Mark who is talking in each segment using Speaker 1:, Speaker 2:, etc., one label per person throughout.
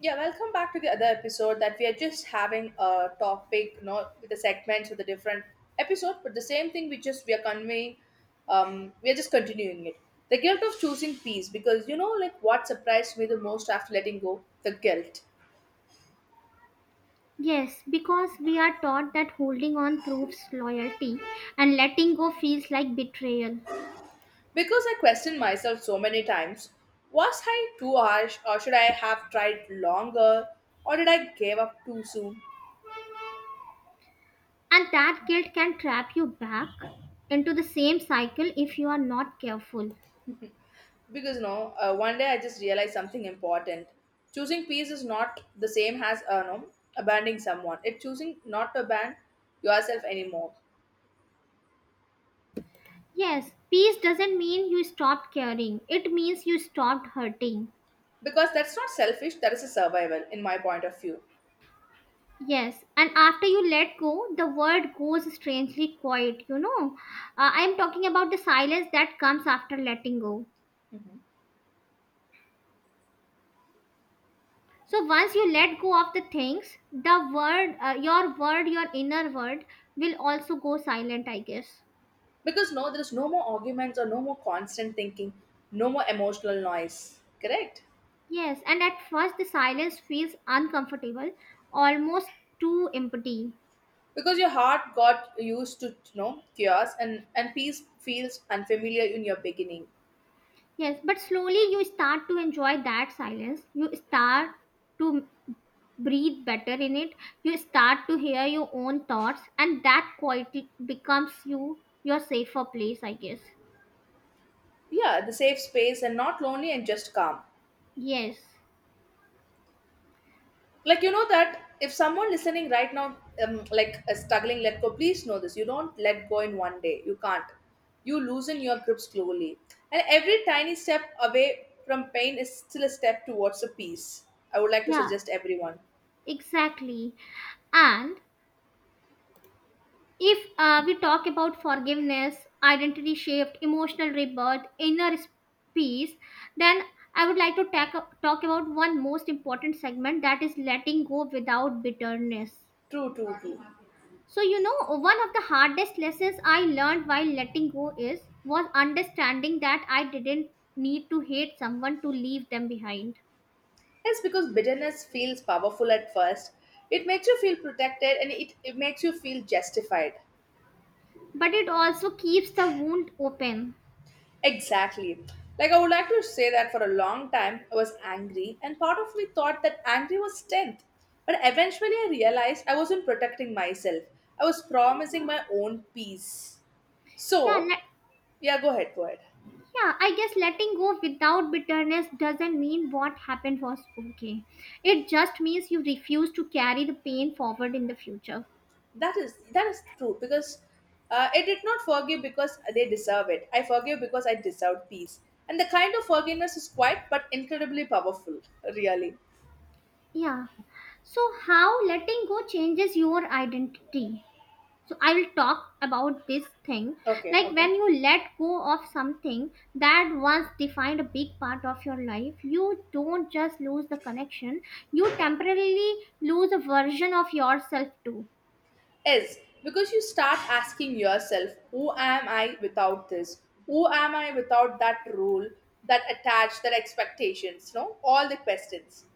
Speaker 1: Yeah, welcome back to the other episode that we are just having a topic, with the segments with the different episode, but the same thing we are conveying, we are just continuing it. The guilt of choosing peace, because what surprised me the most after letting go, the guilt.
Speaker 2: Yes, because we are taught that holding on proves loyalty and letting go feels like betrayal.
Speaker 1: Because I questioned myself so many times, was I too harsh or should I have tried longer or did I give up too soon?
Speaker 2: And that guilt can trap you back into the same cycle if you are not careful.
Speaker 1: Because no, One day I just realized something important. Choosing peace is not the same as no, abandoning someone. It's choosing not to abandon yourself anymore.
Speaker 2: Yes, peace doesn't mean you stopped caring, it means you stopped hurting.
Speaker 1: Because that's not selfish, that is a survival in my point of view.
Speaker 2: Yes, and after you let go, the world goes strangely quiet, you know. I'm talking about the silence that comes after letting go. So once you let go of the things the word your word your inner word. Will also go silent, I guess.
Speaker 1: Because no, there is no more arguments or no more constant thinking, no more emotional noise, correct?
Speaker 2: Yes, and at first the silence feels uncomfortable, almost too empty.
Speaker 1: Because your heart got used to, chaos, and peace feels unfamiliar in your beginning.
Speaker 2: Yes, but slowly you start to enjoy that silence. You start to breathe better in it. You start to hear your own thoughts, and that quality becomes you, your safer place, I guess.
Speaker 1: Yeah, the safe space, and not lonely and just calm.
Speaker 2: Yes.
Speaker 1: Like, you know that if someone listening right now, like, is struggling, let go. Please know this: you don't let go in one day, you can't. You loosen your grip slowly, and every tiny step away from pain is still a step towards a peace. I would like to
Speaker 2: Yeah,
Speaker 1: suggest everyone.
Speaker 2: exactly. And if we talk about forgiveness, identity shift, emotional rebirth, inner peace, then I would like to talk about one most important segment, that is letting go without bitterness.
Speaker 1: True, true, true.
Speaker 2: So you know, one of the hardest lessons I learned while letting go is was understanding that I didn't need to hate someone to leave them behind.
Speaker 1: Yes, because bitterness feels powerful at first. It makes you feel protected, and it makes you feel justified.
Speaker 2: But it also keeps the wound open.
Speaker 1: Exactly. Like, I would like to say that for a long time, I was angry, and part of me thought that angry was strength. But eventually, I realized I wasn't protecting myself, I was promising my own peace.
Speaker 2: Yeah,
Speaker 1: So,
Speaker 2: let,
Speaker 1: yeah, go ahead, go ahead.
Speaker 2: Yeah, I guess letting go without bitterness doesn't mean what happened was okay. It just means you refuse to carry the pain forward in the future.
Speaker 1: That is, that is true, because I did not forgive because they deserve it. I forgive because I deserve peace, and the kind of forgiveness is quiet but incredibly powerful. Really.
Speaker 2: Yeah. So, how letting go changes your identity? So, I will talk about this thing.
Speaker 1: Okay.
Speaker 2: Like,
Speaker 1: Okay.
Speaker 2: when you let go of something that once defined a big part of your life, you don't just lose the connection, you temporarily lose a version of yourself too.
Speaker 1: Is because you start asking yourself, who am I without this? Who am I without that rule, that attach, that expectations? No, all the questions.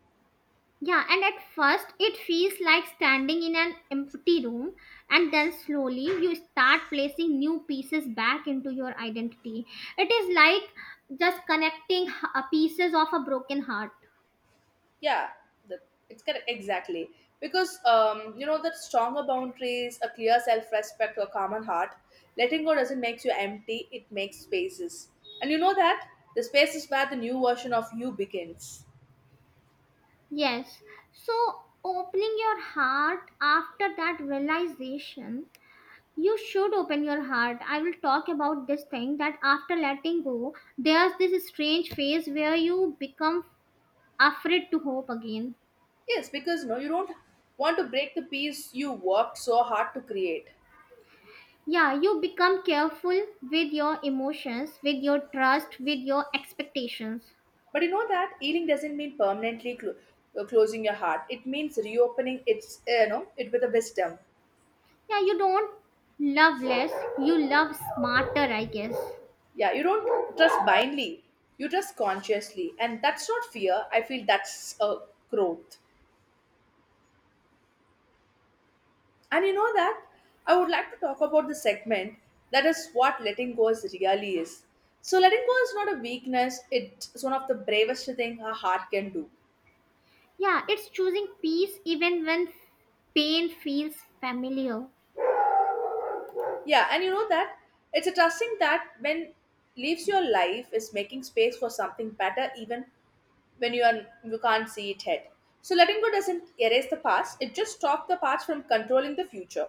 Speaker 2: Yeah, and at first it feels like standing in an empty room, and then slowly you start placing new pieces back into your identity. It is like just connecting pieces of a broken heart.
Speaker 1: Yeah, the, it's correct, exactly, because you know that stronger boundaries, a clear self-respect, a common heart. Letting go doesn't make you empty; it makes spaces, and you know that the space is where the new version of you begins.
Speaker 2: Yes, so opening your heart after that realization, you should open your heart. I will talk about this thing, that after letting go, there's this strange phase where you become afraid to hope again.
Speaker 1: Yes, because no, you don't want to break the peace you worked so hard to create.
Speaker 2: Yeah, you become careful with your emotions, with your trust, with your expectations.
Speaker 1: But you know that healing doesn't mean permanently closing your heart. It means reopening its, it with a wisdom.
Speaker 2: Yeah, you don't love less, you love smarter, I guess.
Speaker 1: Yeah, you don't trust blindly. You trust consciously, and that's not fear. I feel that's a growth. And you know that I would like to talk about the segment that is what letting go is really is. So letting go is not a weakness. It's one of the bravest thing a heart can do.
Speaker 2: Yeah, it's choosing peace even when pain feels familiar.
Speaker 1: Yeah, and you know that it's a trusting that when leaves your life is making space for something better, even when you can't see it ahead. So letting go doesn't erase the past; it just stops the past from controlling the future.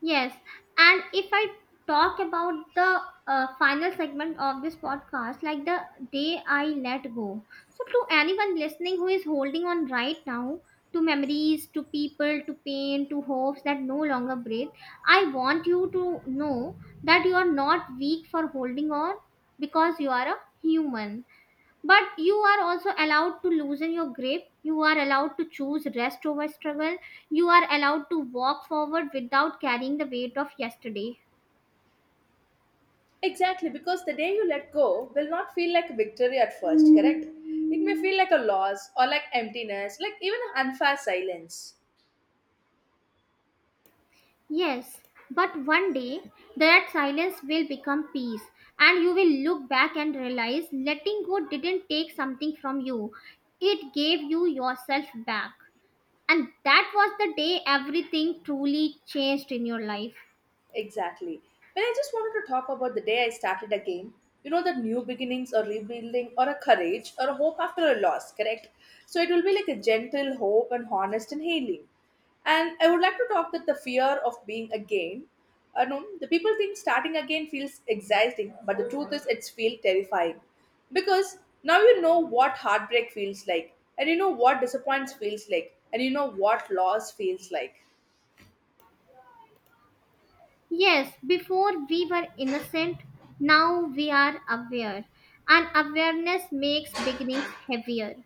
Speaker 2: Yes, and if I talk about the final segment of this podcast, like the day I let go. So, to anyone listening who is holding on right now to memories, to people, to pain, to hopes that no longer breathe, I want you to know that you are not weak for holding on because you are a human. But you are also allowed to loosen your grip. You are allowed to choose rest over struggle. You are allowed to walk forward without carrying the weight of yesterday.
Speaker 1: Exactly, because the day you let go will not feel like a victory at first, correct? It may feel like a loss or like emptiness, like even an unfair silence.
Speaker 2: Yes, but one day that silence will become peace, and you will look back and realize letting go didn't take something from you, it gave you yourself back. And that was the day everything truly changed in your life.
Speaker 1: Exactly. But I just wanted to talk about the day I started a game. You know, the new beginnings or rebuilding or a courage or a hope after a loss, correct? So it will be like a gentle hope and honest and healing. And I would like to talk that the fear of being again. I know the people think starting again feels exciting, but the truth is it's feel terrifying. Because now you know what heartbreak feels like, and you know what disappointment feels like, and you know what loss feels like.
Speaker 2: Yes, before we were innocent, now we are aware. And awareness makes beginnings heavier.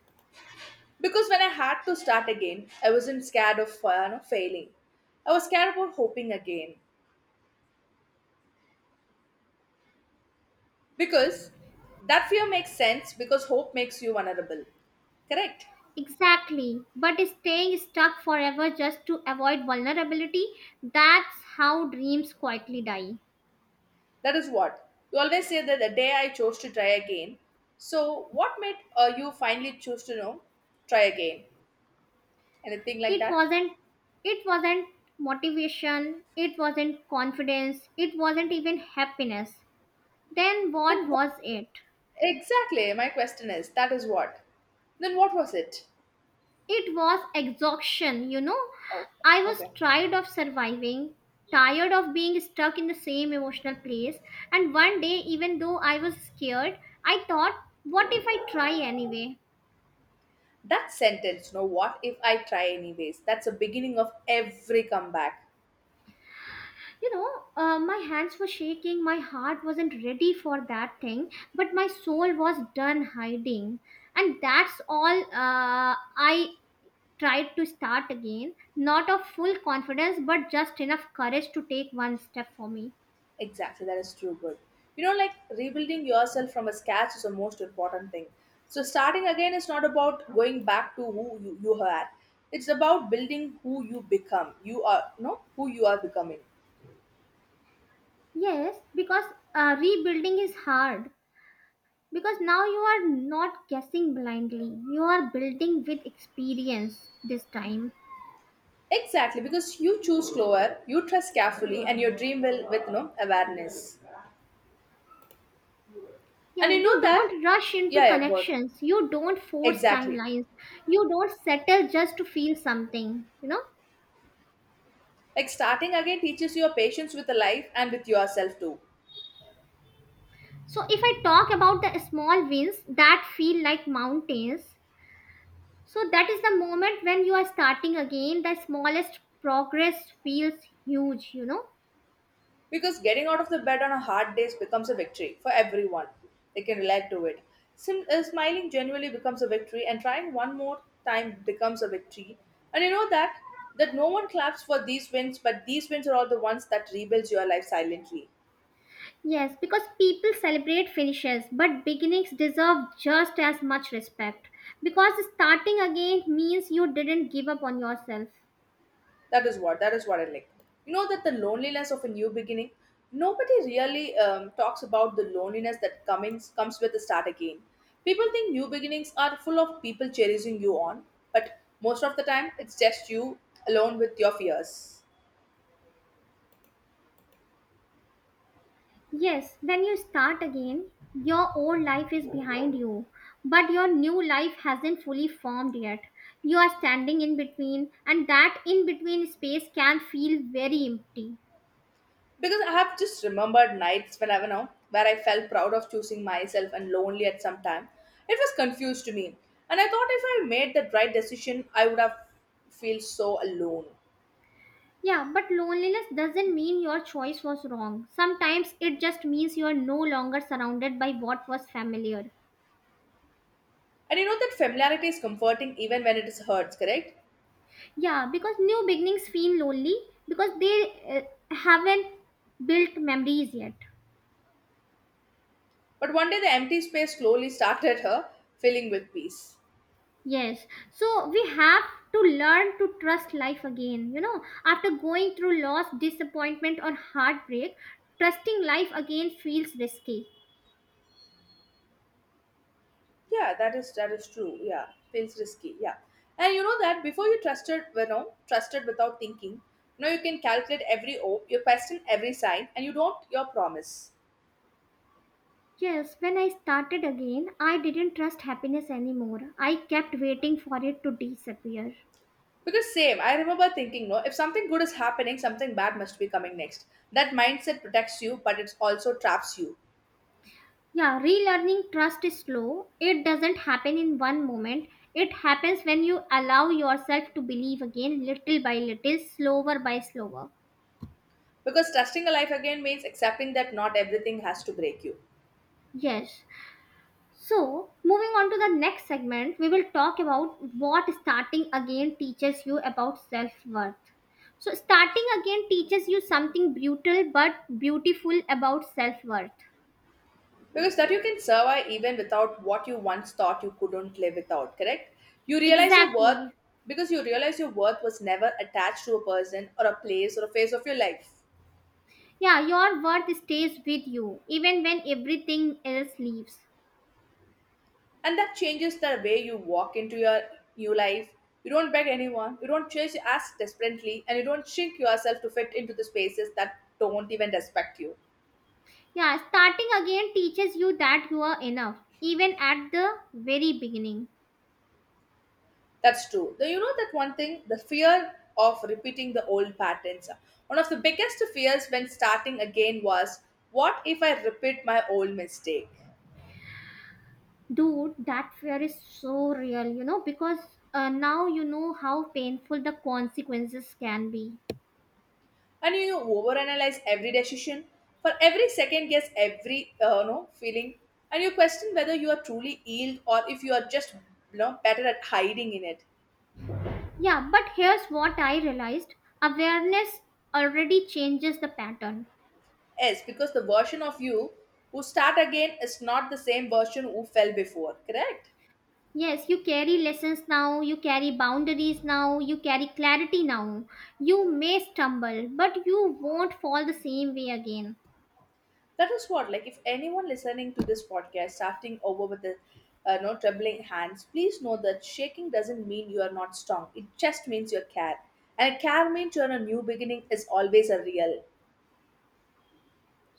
Speaker 1: Because when I had to start again, I wasn't scared of failing. I was scared about hoping again. Because that fear makes sense because hope makes you vulnerable. Correct?
Speaker 2: Exactly. But staying stuck forever just to avoid vulnerability, that's how dreams quietly die.
Speaker 1: That is what. You always say that the day I chose to try again. So, what made you finally choose to, try again? Anything like
Speaker 2: It
Speaker 1: that?
Speaker 2: wasn't it wasn't motivation, it wasn't confidence, it wasn't even happiness. Then what
Speaker 1: Then what?
Speaker 2: was it?
Speaker 1: Exactly. My question is that is what. Then what was it?
Speaker 2: It was exhaustion, you know.
Speaker 1: Oh,
Speaker 2: I was
Speaker 1: okay.
Speaker 2: tired of surviving, tired of being stuck in the same emotional place. And one day, even though I was scared, I thought, what if I try anyway?
Speaker 1: That sentence, no, what if I try anyways? That's the beginning of every comeback.
Speaker 2: You know, my hands were shaking, my heart wasn't ready for that thing, but my soul was done hiding. And that's all I tried to start again. Not of full confidence, but just enough courage to take one step for me.
Speaker 1: Exactly, that is true, good. You know, like, rebuilding yourself from a scratch is the most important thing. So, starting again is not about going back to you were, it's about building who you become. You are, no, who you are becoming.
Speaker 2: Yes, because rebuilding is hard. Because now you are not guessing blindly, you are building with experience this time.
Speaker 1: Exactly, because you choose slower, you trust carefully, and your dream will with no awareness.
Speaker 2: Yeah,
Speaker 1: And you
Speaker 2: you
Speaker 1: know that?
Speaker 2: don't rush into
Speaker 1: Yeah, yeah, good.
Speaker 2: connections, you don't force
Speaker 1: Exactly.
Speaker 2: timelines, you don't settle just to feel something, you know.
Speaker 1: Like starting again teaches you a patience with the life and with yourself too.
Speaker 2: So, if I talk about the small wins that feel like mountains, so that is the moment when you are starting again, the smallest progress feels huge, you know.
Speaker 1: Because getting out of the bed on a hard day becomes a victory for everyone. They can relate to it. Smiling genuinely becomes a victory, and trying one more time becomes a victory. And you know that that no one claps for these wins, but these wins are all the ones that rebuilds your life silently.
Speaker 2: Yes, because people celebrate finishes, but beginnings deserve just as much respect. Because starting again means you didn't give up on yourself.
Speaker 1: That is what, that is what I like. You know that the loneliness of a new beginning. Nobody really talks about the loneliness that comes with the start again. People think new beginnings are full of people cherishing you on, but most of the time it's just you alone with your fears.
Speaker 2: Yes, when you start again, your old life is behind you, but your new life hasn't fully formed yet. You are standing in between, and that in between space can feel very empty.
Speaker 1: Because I have just remembered nights when I, where I felt proud of choosing myself and lonely at some time. It was confused to me, and I thought if I made the right decision, I would have feel so alone.
Speaker 2: Yeah, but loneliness doesn't mean your choice was wrong. Sometimes it just means you are no longer surrounded by what was familiar.
Speaker 1: And you know that familiarity is comforting even when it is hurts, correct?
Speaker 2: Yeah, because new beginnings feel lonely because they haven't built memories yet.
Speaker 1: But one day the empty space slowly started her, filling with peace.
Speaker 2: Yes, so we have to learn to trust life again. You know, after going through loss, disappointment, or heartbreak, trusting life again feels risky.
Speaker 1: Yeah, that is, that is true. Yeah, feels risky. Yeah, and you know that before you trusted, trusted without thinking. Now you can calculate every hope, you question every sign, and you don't your promise.
Speaker 2: Yes, when I started again, I didn't trust happiness anymore. I kept waiting for it to disappear.
Speaker 1: Because same, I remember thinking, no, if something good is happening, something bad must be coming next. That mindset protects you, but it also traps you.
Speaker 2: Yeah, relearning trust is slow. It doesn't happen in one moment. It happens when you allow yourself to believe again, little by little, slower by slower.
Speaker 1: Because trusting a life again means accepting that not everything has to break you.
Speaker 2: Yes. So, moving on to the next segment, we will talk about what starting again teaches you about self worth. So, starting again teaches you something brutal but beautiful about self worth.
Speaker 1: Because that you can survive even without what you once thought you couldn't live without, correct? You realize your worth
Speaker 2: Exactly.
Speaker 1: because you realize your worth was never attached to a person or a place or a phase of your life.
Speaker 2: Yeah, your worth stays with you even when everything else leaves.
Speaker 1: And that changes the way you walk into your new life. You don't beg anyone, you don't chase as desperately, and you don't shrink yourself to fit into the spaces that don't even respect you.
Speaker 2: Yeah, starting again teaches you that you are enough, even at the very beginning.
Speaker 1: That's true. Though, you know that one thing, the fear of repeating the old patterns. One of the biggest fears when starting again was, what if I repeat my old mistake?
Speaker 2: Dude, that fear is so real, you know, because now you know how painful the consequences can be.
Speaker 1: And you overanalyze every decision, for every second guess every no feeling, and you question whether you are truly healed or if you are just, better at hiding in it.
Speaker 2: Yeah, but here's what I realized, awareness already changes the pattern.
Speaker 1: Yes, because the version of you who start again is not the same version who fell before, correct?
Speaker 2: Yes, you carry lessons now, you carry boundaries now, you carry clarity now. You may stumble, but you won't fall the same way again.
Speaker 1: That is what, like, if anyone listening to this podcast starting over with the no trembling hands, please know that shaking doesn't mean you are not strong. It just means you care, and care means you're a new beginning is always a real.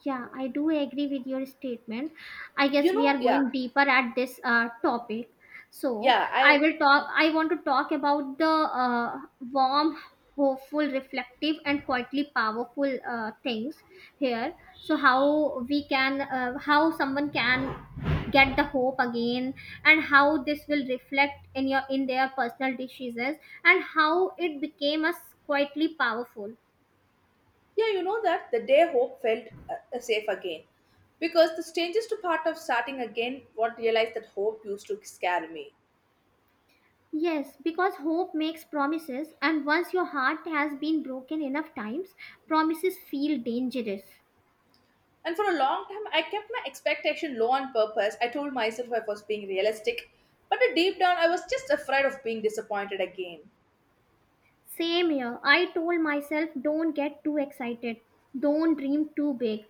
Speaker 2: Yeah, I do agree with your statement. I guess
Speaker 1: You
Speaker 2: we are
Speaker 1: know, yeah,
Speaker 2: going deeper at this topic. So
Speaker 1: yeah,
Speaker 2: I
Speaker 1: I
Speaker 2: will talk. I want to talk about the warm, hopeful, reflective, and quietly powerful things here. So how we can, how someone can get the hope again, and how this will reflect in your in their personal decisions, and how it became a quietly powerful.
Speaker 1: yeah, you know that the day hope felt safe again, because the strangest part of starting again, what realized that hope used to scare me.
Speaker 2: Yes, because hope makes promises, and once your heart has been broken enough times, promises feel dangerous.
Speaker 1: And for a long time, I kept my expectation low on purpose. I told myself I was being realistic, but deep down, I was just afraid of being disappointed again.
Speaker 2: Same here, I told myself don't get too excited, don't dream too big,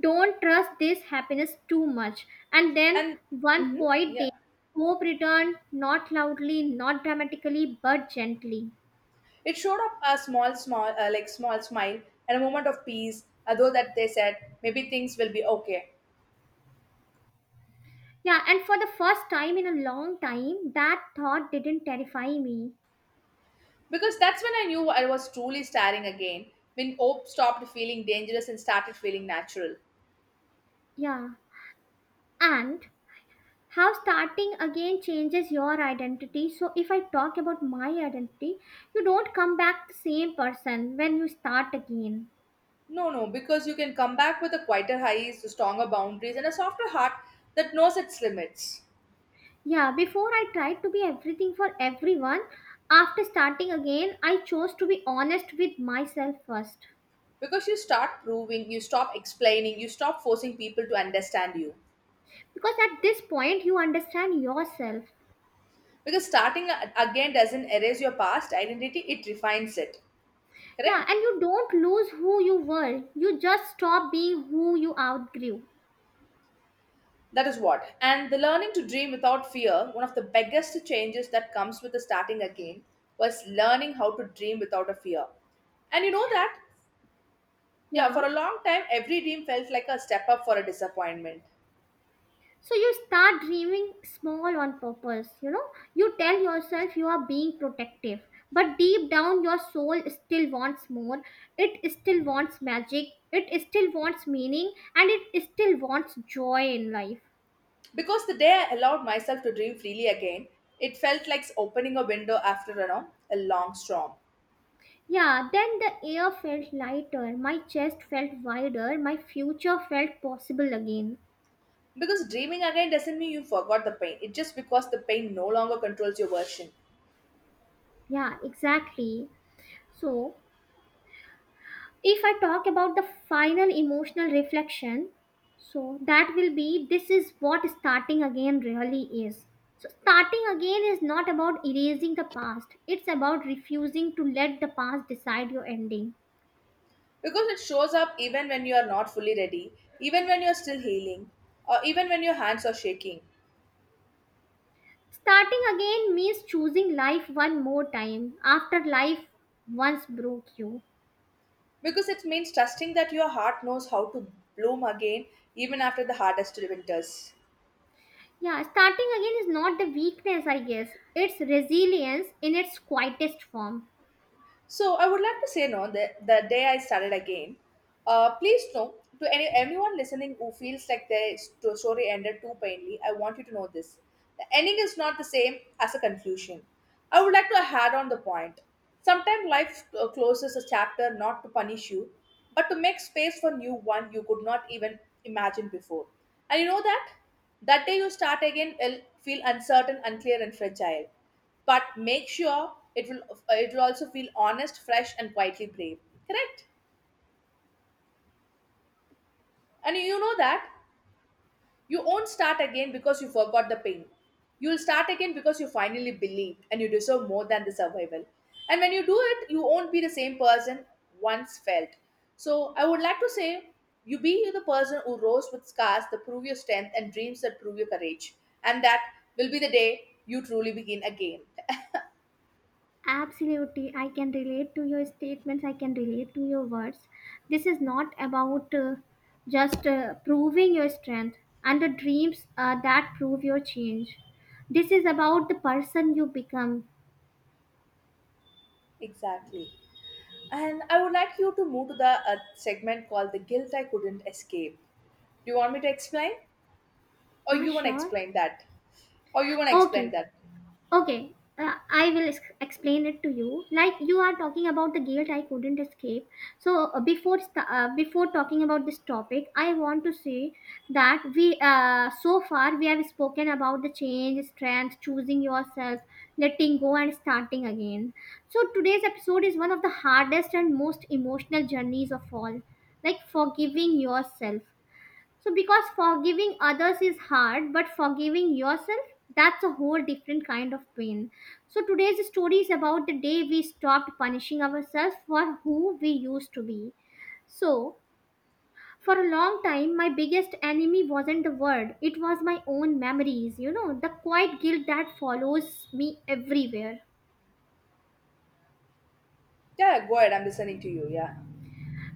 Speaker 2: don't trust this happiness too much. And then
Speaker 1: And
Speaker 2: one
Speaker 1: mhm,
Speaker 2: quiet day,
Speaker 1: yeah,
Speaker 2: hope returned, not loudly, not dramatically, but gently.
Speaker 1: it showed up a small smile and a moment of peace. Although that they said maybe things will be okay,
Speaker 2: Yeah, and for the first time in a long time, that thought didn't terrify me.
Speaker 1: because that's when I knew I was truly starting again. When hope stopped feeling dangerous and started feeling natural.
Speaker 2: Yeah. And how starting again changes your identity, so if I talk about my identity, you don't come back the same person when you start again.
Speaker 1: No, no, because you can come back with a quieter highs, stronger boundaries, and a softer heart that knows its limits.
Speaker 2: Yeah, before I tried to be everything for everyone. After starting again, I chose to be honest with myself first,
Speaker 1: Because you start proving, you stop explaining, you stop forcing people to understand you,
Speaker 2: because at this point you understand yourself.
Speaker 1: because again doesn't erase your past identity, it refines it,
Speaker 2: Yeah,
Speaker 1: correct?
Speaker 2: and you don't lose who you were, you just stop being who you outgrew.
Speaker 1: That is what, and the learning to dream without fear, one of the biggest changes that comes with the starting again was learning how to dream without a fear. And you know that, yeah,
Speaker 2: Yeah.
Speaker 1: for a long time every dream felt like a step up for a disappointment.
Speaker 2: So you start dreaming small on purpose, you know. You tell yourself you are being protective, but deep down your soul still wants more. It still wants magic, it still wants meaning, and it still wants joy in life.
Speaker 1: Because the day I allowed myself to dream freely again, it felt like opening a window after, a long storm.
Speaker 2: Yeah, then the air felt lighter, my chest felt wider, my future felt possible again.
Speaker 1: Because dreaming again doesn't mean you forgot the pain. It's just because the pain no longer controls your version.
Speaker 2: Yeah, exactly. So if I talk about the final emotional reflection, so that will be, this is what starting again really is. So, starting again is not about erasing the past, it's about refusing to let the past decide your ending.
Speaker 1: Because it shows up even when you are not fully ready, even when you are still healing, or even when your hands are shaking.
Speaker 2: Starting again means choosing life one more time after life once broke you.
Speaker 1: Because it means trusting that your heart knows how to bloom again even after the hardest winters.
Speaker 2: Yeah, starting again is not the weakness, I guess, it's resilience in its quietest form.
Speaker 1: So I would like to say no that the day I started again. Please know to anyone listening who feels like their story ended too painfully. I want you to know this: the ending is not the same as a conclusion. I would like to add on the point. Sometimes life closes a chapter not to punish you, but to make space for new one you could not even imagine before. And you know that that day you start again will feel uncertain, unclear, and fragile, but make sure it will also feel honest, fresh, and quietly brave, correct. And you know that you won't start again because you forgot the pain, you'll start again because you finally believed and you deserve more than the survival. And when you do it, you won't be the same person once felt. So I would like to say, you be the person who rose with scars that prove your strength and dreams that prove your courage, and that will be the day you truly begin again.
Speaker 2: Absolutely, I can relate to your statements, I can relate to your words. This is not about just proving your strength and the dreams that prove your change. This is about the person you become.
Speaker 1: Exactly. And I would like you to move to the segment called The Guilt I Couldn't Escape. Do you want me to explain? Or
Speaker 2: Yeah,
Speaker 1: you want to
Speaker 2: sure.
Speaker 1: explain that? Or you want to explain
Speaker 2: Okay,
Speaker 1: that?
Speaker 2: Okay, I will explain it to you. Like, you are talking about the guilt I couldn't escape. So before talking about this topic, I want to say that we so far we have spoken about the change, strength, choosing yourself, letting go, and starting again. So today's episode is one of the hardest and most emotional journeys of all, like forgiving yourself. So, because forgiving others is hard, but forgiving yourself, that's a whole different kind of pain. So, today's story is about the day we stopped punishing ourselves for who we used to be. So, for a long time, my biggest enemy wasn't the word, it was my own memories, you know, the quiet guilt that follows me everywhere.
Speaker 1: Yeah, yeah, go ahead. I'm listening to you. Yeah.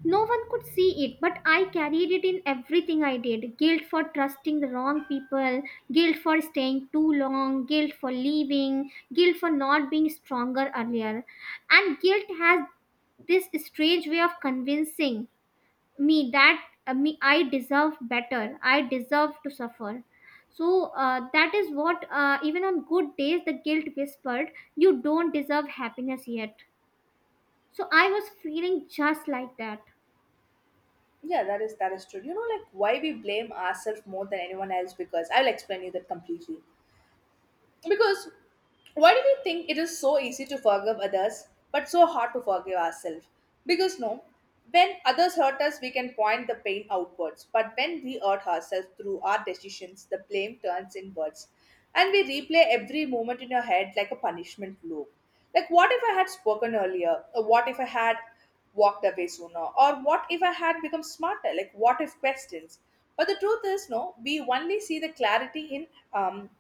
Speaker 2: No one could see it, but I carried it in everything I did. Guilt for trusting the wrong people, guilt for staying too long, guilt for leaving, guilt for not being stronger earlier. And guilt has this strange way of convincing me that me I deserve better. I deserve to suffer. So that is what Even on good days the guilt whispered, "You don't deserve happiness yet." So I was feeling just like that.
Speaker 1: Yeah, that is true. You know, like why we blame ourselves more than anyone else? Because I'll explain you that completely. Because why do we think it is so easy to forgive others but so hard to forgive ourselves? Because no, when others hurt us, we can point the pain outwards. But when we hurt ourselves through our decisions, the blame turns inwards. And we replay every moment in our head like a punishment loop. Like, what if I had spoken earlier? Or what if I had walked away sooner? Or what if I had become smarter? Like, what if questions? But the truth is, no, we only see the clarity in um,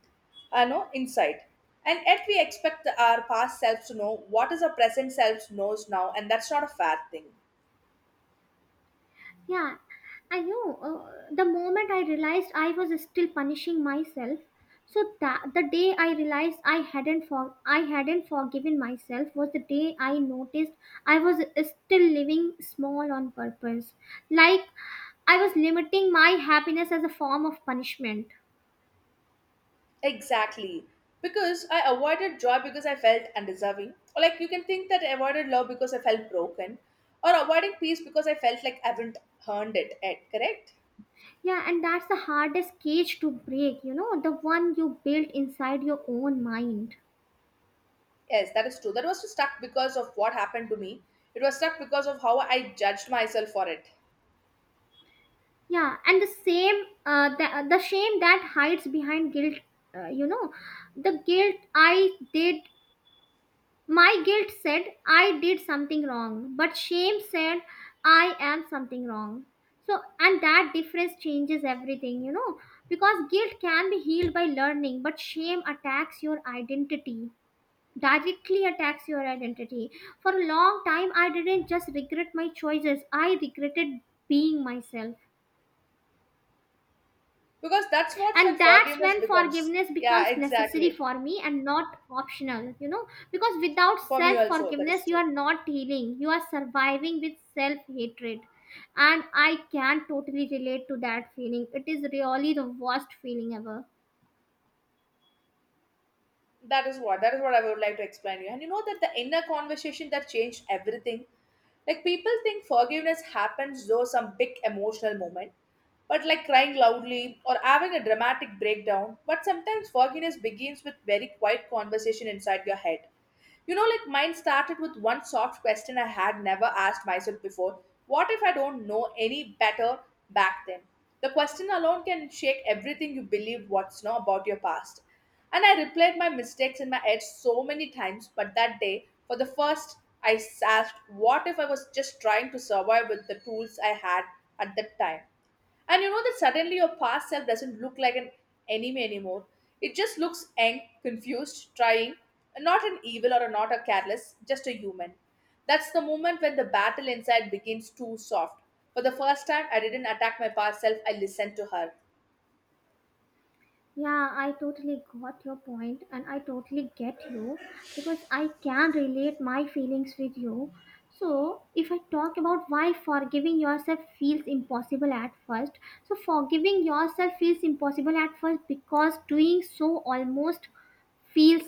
Speaker 1: no insight, and yet we expect our past selves to know what is our present selves knows now, and that's not a fair thing.
Speaker 2: Yeah, I know. The moment I realized I was still punishing myself, so that the day I realized I hadn't forgiven myself was the day I noticed I was still living small on purpose, like I was limiting my happiness as a form of punishment.
Speaker 1: Exactly, because I avoided joy because I felt undeserving, or like you can think that I avoided love because I felt broken, or avoiding peace because I felt like I haven't earned it yet, correct?
Speaker 2: Yeah, and that's the hardest cage to break. You know, the one you built inside your own mind.
Speaker 1: Yes, that is true. That was stuck because of what happened to me, it was stuck because of how I judged myself for it.
Speaker 2: Yeah, and the same the shame that hides behind guilt, you know, the guilt I did my guilt said I did something wrong, but shame said I am something wrong. And that difference changes everything, you know, because guilt can be healed by learning, but shame attacks your identity, directly attacks your identity. For a long time, I didn't just regret my choices, I regretted being myself.
Speaker 1: Because that's what's when
Speaker 2: And that's
Speaker 1: forgiveness
Speaker 2: when
Speaker 1: becomes.
Speaker 2: forgiveness becomes
Speaker 1: Yeah,
Speaker 2: necessary
Speaker 1: exactly.
Speaker 2: for me and not optional, you know, because without
Speaker 1: For me
Speaker 2: self
Speaker 1: also that is
Speaker 2: forgiveness, you
Speaker 1: true.
Speaker 2: are not healing, you are surviving with self hatred. And I can totally relate to that feeling, it is really the worst feeling ever.
Speaker 1: That is what I would like to explain to you. And you know that the inner conversation that changed everything, like people think forgiveness happens though some big emotional moment, but like crying loudly or having a dramatic breakdown. But sometimes forgiveness begins with very quiet conversation inside your head. You know, like mine started with one soft question I had never asked myself before. What if I don't know any better back then? The question alone can shake everything you believed what's now about your past. And I replayed my mistakes in my head so many times, but that day, for the first, I asked, what if I was just trying to survive with the tools I had at that time? And you know that suddenly your past self doesn't look like an enemy anymore. It just looks ang, confused, trying, not an evil or a not a careless, just a human. That's the moment when the battle inside begins too soft. For the first time, I didn't attack my past self, I listened to her.
Speaker 2: Yeah, I totally got your point and I totally get you because I can relate my feelings with you. So, if I talk about why forgiving yourself feels impossible at first, forgiving yourself feels impossible at first because doing so almost feels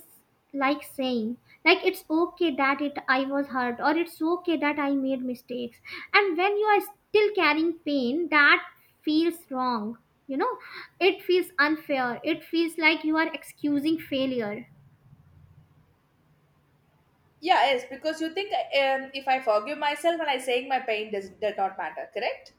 Speaker 2: like saying, like, it's okay that it I was hurt, or it's okay that I made mistakes. And when you are still carrying pain, that feels wrong, you know. It feels unfair, it feels like you are excusing failure.
Speaker 1: Yeah, yes, because you think, if I forgive myself and I saying my pain does not matter, correct?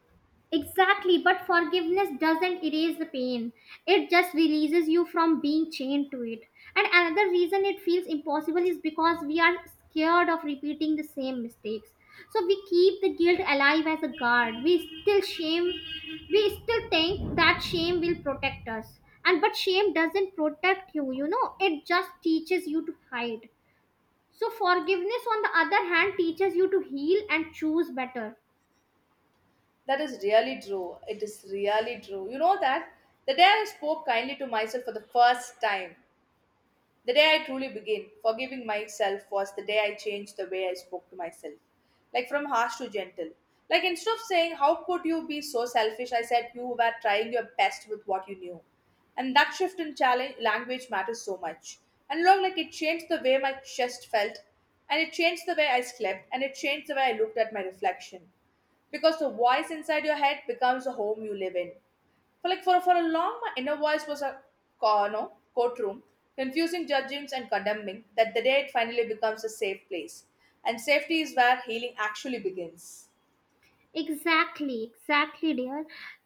Speaker 2: Exactly, but forgiveness doesn't erase the pain. It just releases you from being chained to it. And another reason it feels impossible is because we are scared of repeating the same mistakes. So we keep the guilt alive as a guard. We still think that shame will protect us. And but shame doesn't protect you, you know, it just teaches you to hide. So forgiveness, on the other hand, teaches you to heal and choose better.
Speaker 1: That is really true. It is really true. You know that the day I spoke kindly to myself for the first time, the day I truly began forgiving myself was the day I changed the way I spoke to myself, like from harsh to gentle. Like instead of saying, how could you be so selfish? I said, you were trying your best with what you knew. And that shift in challenge, language matters so much. And long, like it changed the way my chest felt, and it changed the way I slept, and it changed the way I looked at my reflection. Because the voice inside your head becomes the home you live in. For like for a long, my inner voice was a no, courtroom, confusing judgments and condemning. That the day it finally becomes a safe place, and safety is where healing actually begins.
Speaker 2: Exactly, exactly, dear.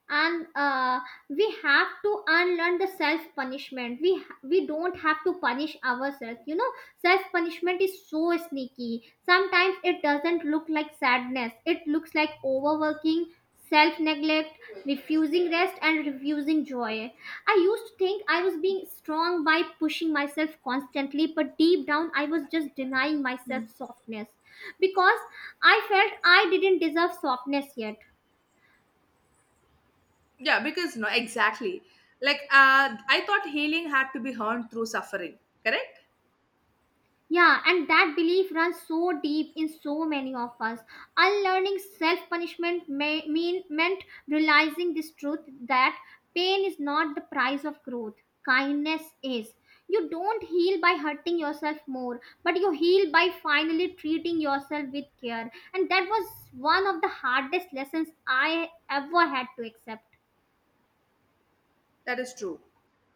Speaker 2: And We have to unlearn the self punishment. We don't have to punish ourselves. You know, self punishment is so sneaky. Sometimes it doesn't look like sadness. It looks like overworking, self neglect, refusing rest, and refusing joy. I used to think I was being strong by pushing myself constantly, but deep down I was just denying myself
Speaker 1: Hmm.
Speaker 2: softness because I felt I didn't deserve softness yet.
Speaker 1: Yeah, because no, exactly. Like I thought healing had to be earned through suffering. Correct.
Speaker 2: Yeah, and that belief runs so deep in so many of us. Unlearning self punishment may mean meant realizing this truth, that pain is not the price of growth. Kindness is. You don't heal by hurting yourself more, but you heal by finally treating yourself with care. And that was one of the hardest lessons I ever had to accept.
Speaker 1: That is true.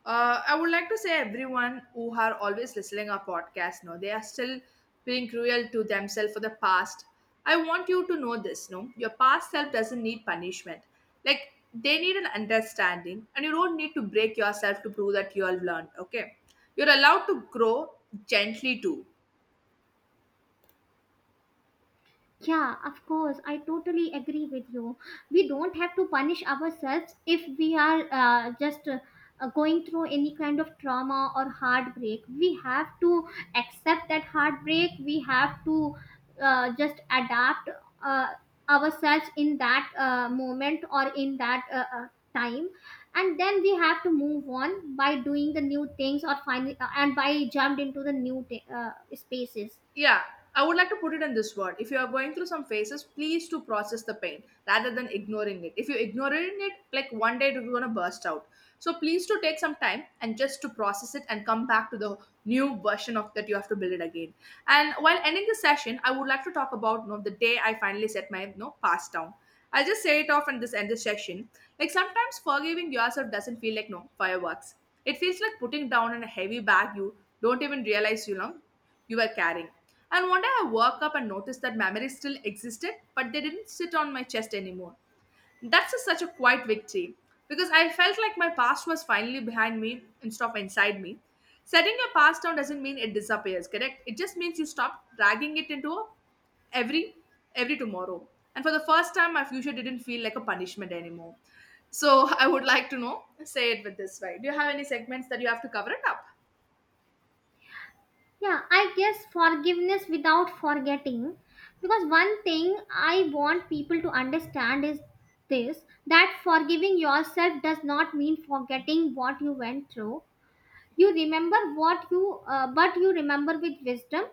Speaker 1: I would like to say everyone who are always listening our podcast, no, they are still being cruel to themselves for the past. I want you to know this, no, your past self doesn't need punishment. Like they need an understanding, and you don't need to break yourself to prove that you have learned. Okay, you're allowed to grow gently too.
Speaker 2: Yeah, of course. I totally agree with you. We don't have to punish ourselves if we are just going through any kind of trauma or heartbreak. We have to accept that heartbreak. We have to just adapt uh, ourselves in that moment or in that time, and then we have to move on by doing the new things or find and by jumped into the new spaces.
Speaker 1: Yeah, I would like to put it in this word, if you are going through some phases, please to process the pain rather than ignoring it. If you ignore it, like one day it's going to burst out. So please to take some time and just to process it, and come back to the new version of that you have to build it again. And while ending the session, I would like to talk about, you know, the day I finally set my, you know, past down. I'll just say it off and this end this section. Like sometimes forgiving yourself doesn't feel like no fireworks. It feels like putting down in a heavy bag you don't even realize you know you were carrying. And one day I woke up and noticed that memories still existed, but they didn't sit on my chest anymore. That's a, such a quiet victory because I felt like my past was finally behind me instead of inside me. Setting your past down doesn't mean it disappears, correct? It just means you stop dragging it into a every every tomorrow. And for the first time, my future didn't feel like a punishment anymore. So I would like to know, say it with this way. Do you have any segments that you have to cover it up?
Speaker 2: Yeah, I guess forgiveness without forgetting. Because one thing I want people to understand is this, that forgiving yourself does not mean forgetting what you went through. You remember what you, remember with wisdom,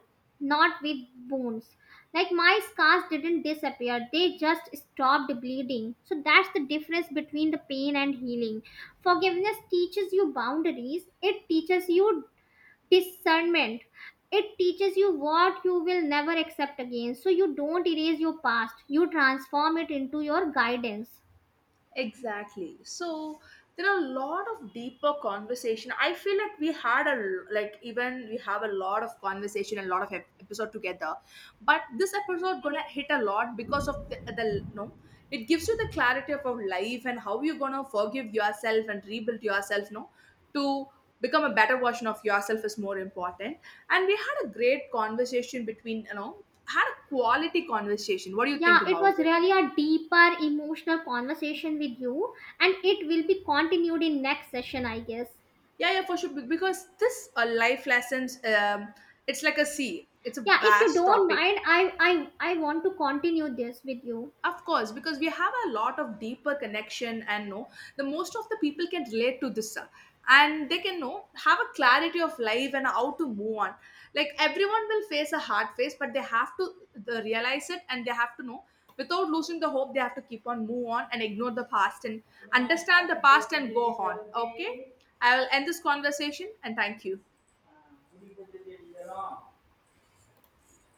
Speaker 2: not with wounds. Like, my scars didn't disappear, they just stopped bleeding. So that's the difference between the pain and healing. Forgiveness teaches you boundaries, it teaches you discernment, it teaches you what you will never accept again. So you don't erase your past, you transform it into your guidance.
Speaker 1: Exactly. So there are a lot of deeper conversation. I feel like we had a like even we have a lot of conversation and a lot of episode together, but this episode gonna hit a lot because of the no. It gives you the clarity of our life and how you're gonna forgive yourself and rebuild yourself. No, to become a better version of yourself is more important. And we had a great conversation between you know had a quality conversation. What do you
Speaker 2: Yeah,
Speaker 1: think
Speaker 2: it
Speaker 1: about
Speaker 2: was
Speaker 1: it?
Speaker 2: really a deeper emotional conversation with you, and it will be continued in next session, I guess.
Speaker 1: Yeah, yeah, for sure. Because this life lessons, it's like a sea. It's a
Speaker 2: Yeah, if you
Speaker 1: vast
Speaker 2: don't
Speaker 1: topic,
Speaker 2: mind, I want to continue this with you.
Speaker 1: of course, because we have a lot of deeper connection and know the most of the people can relate to this, and they can know have a clarity of life and how to move on. Like everyone will face a hard phase, but they have to realize it and they have to know without losing the hope. They have to keep on move on and ignore the past and understand the past and go on. Okay, I will end this conversation and thank you.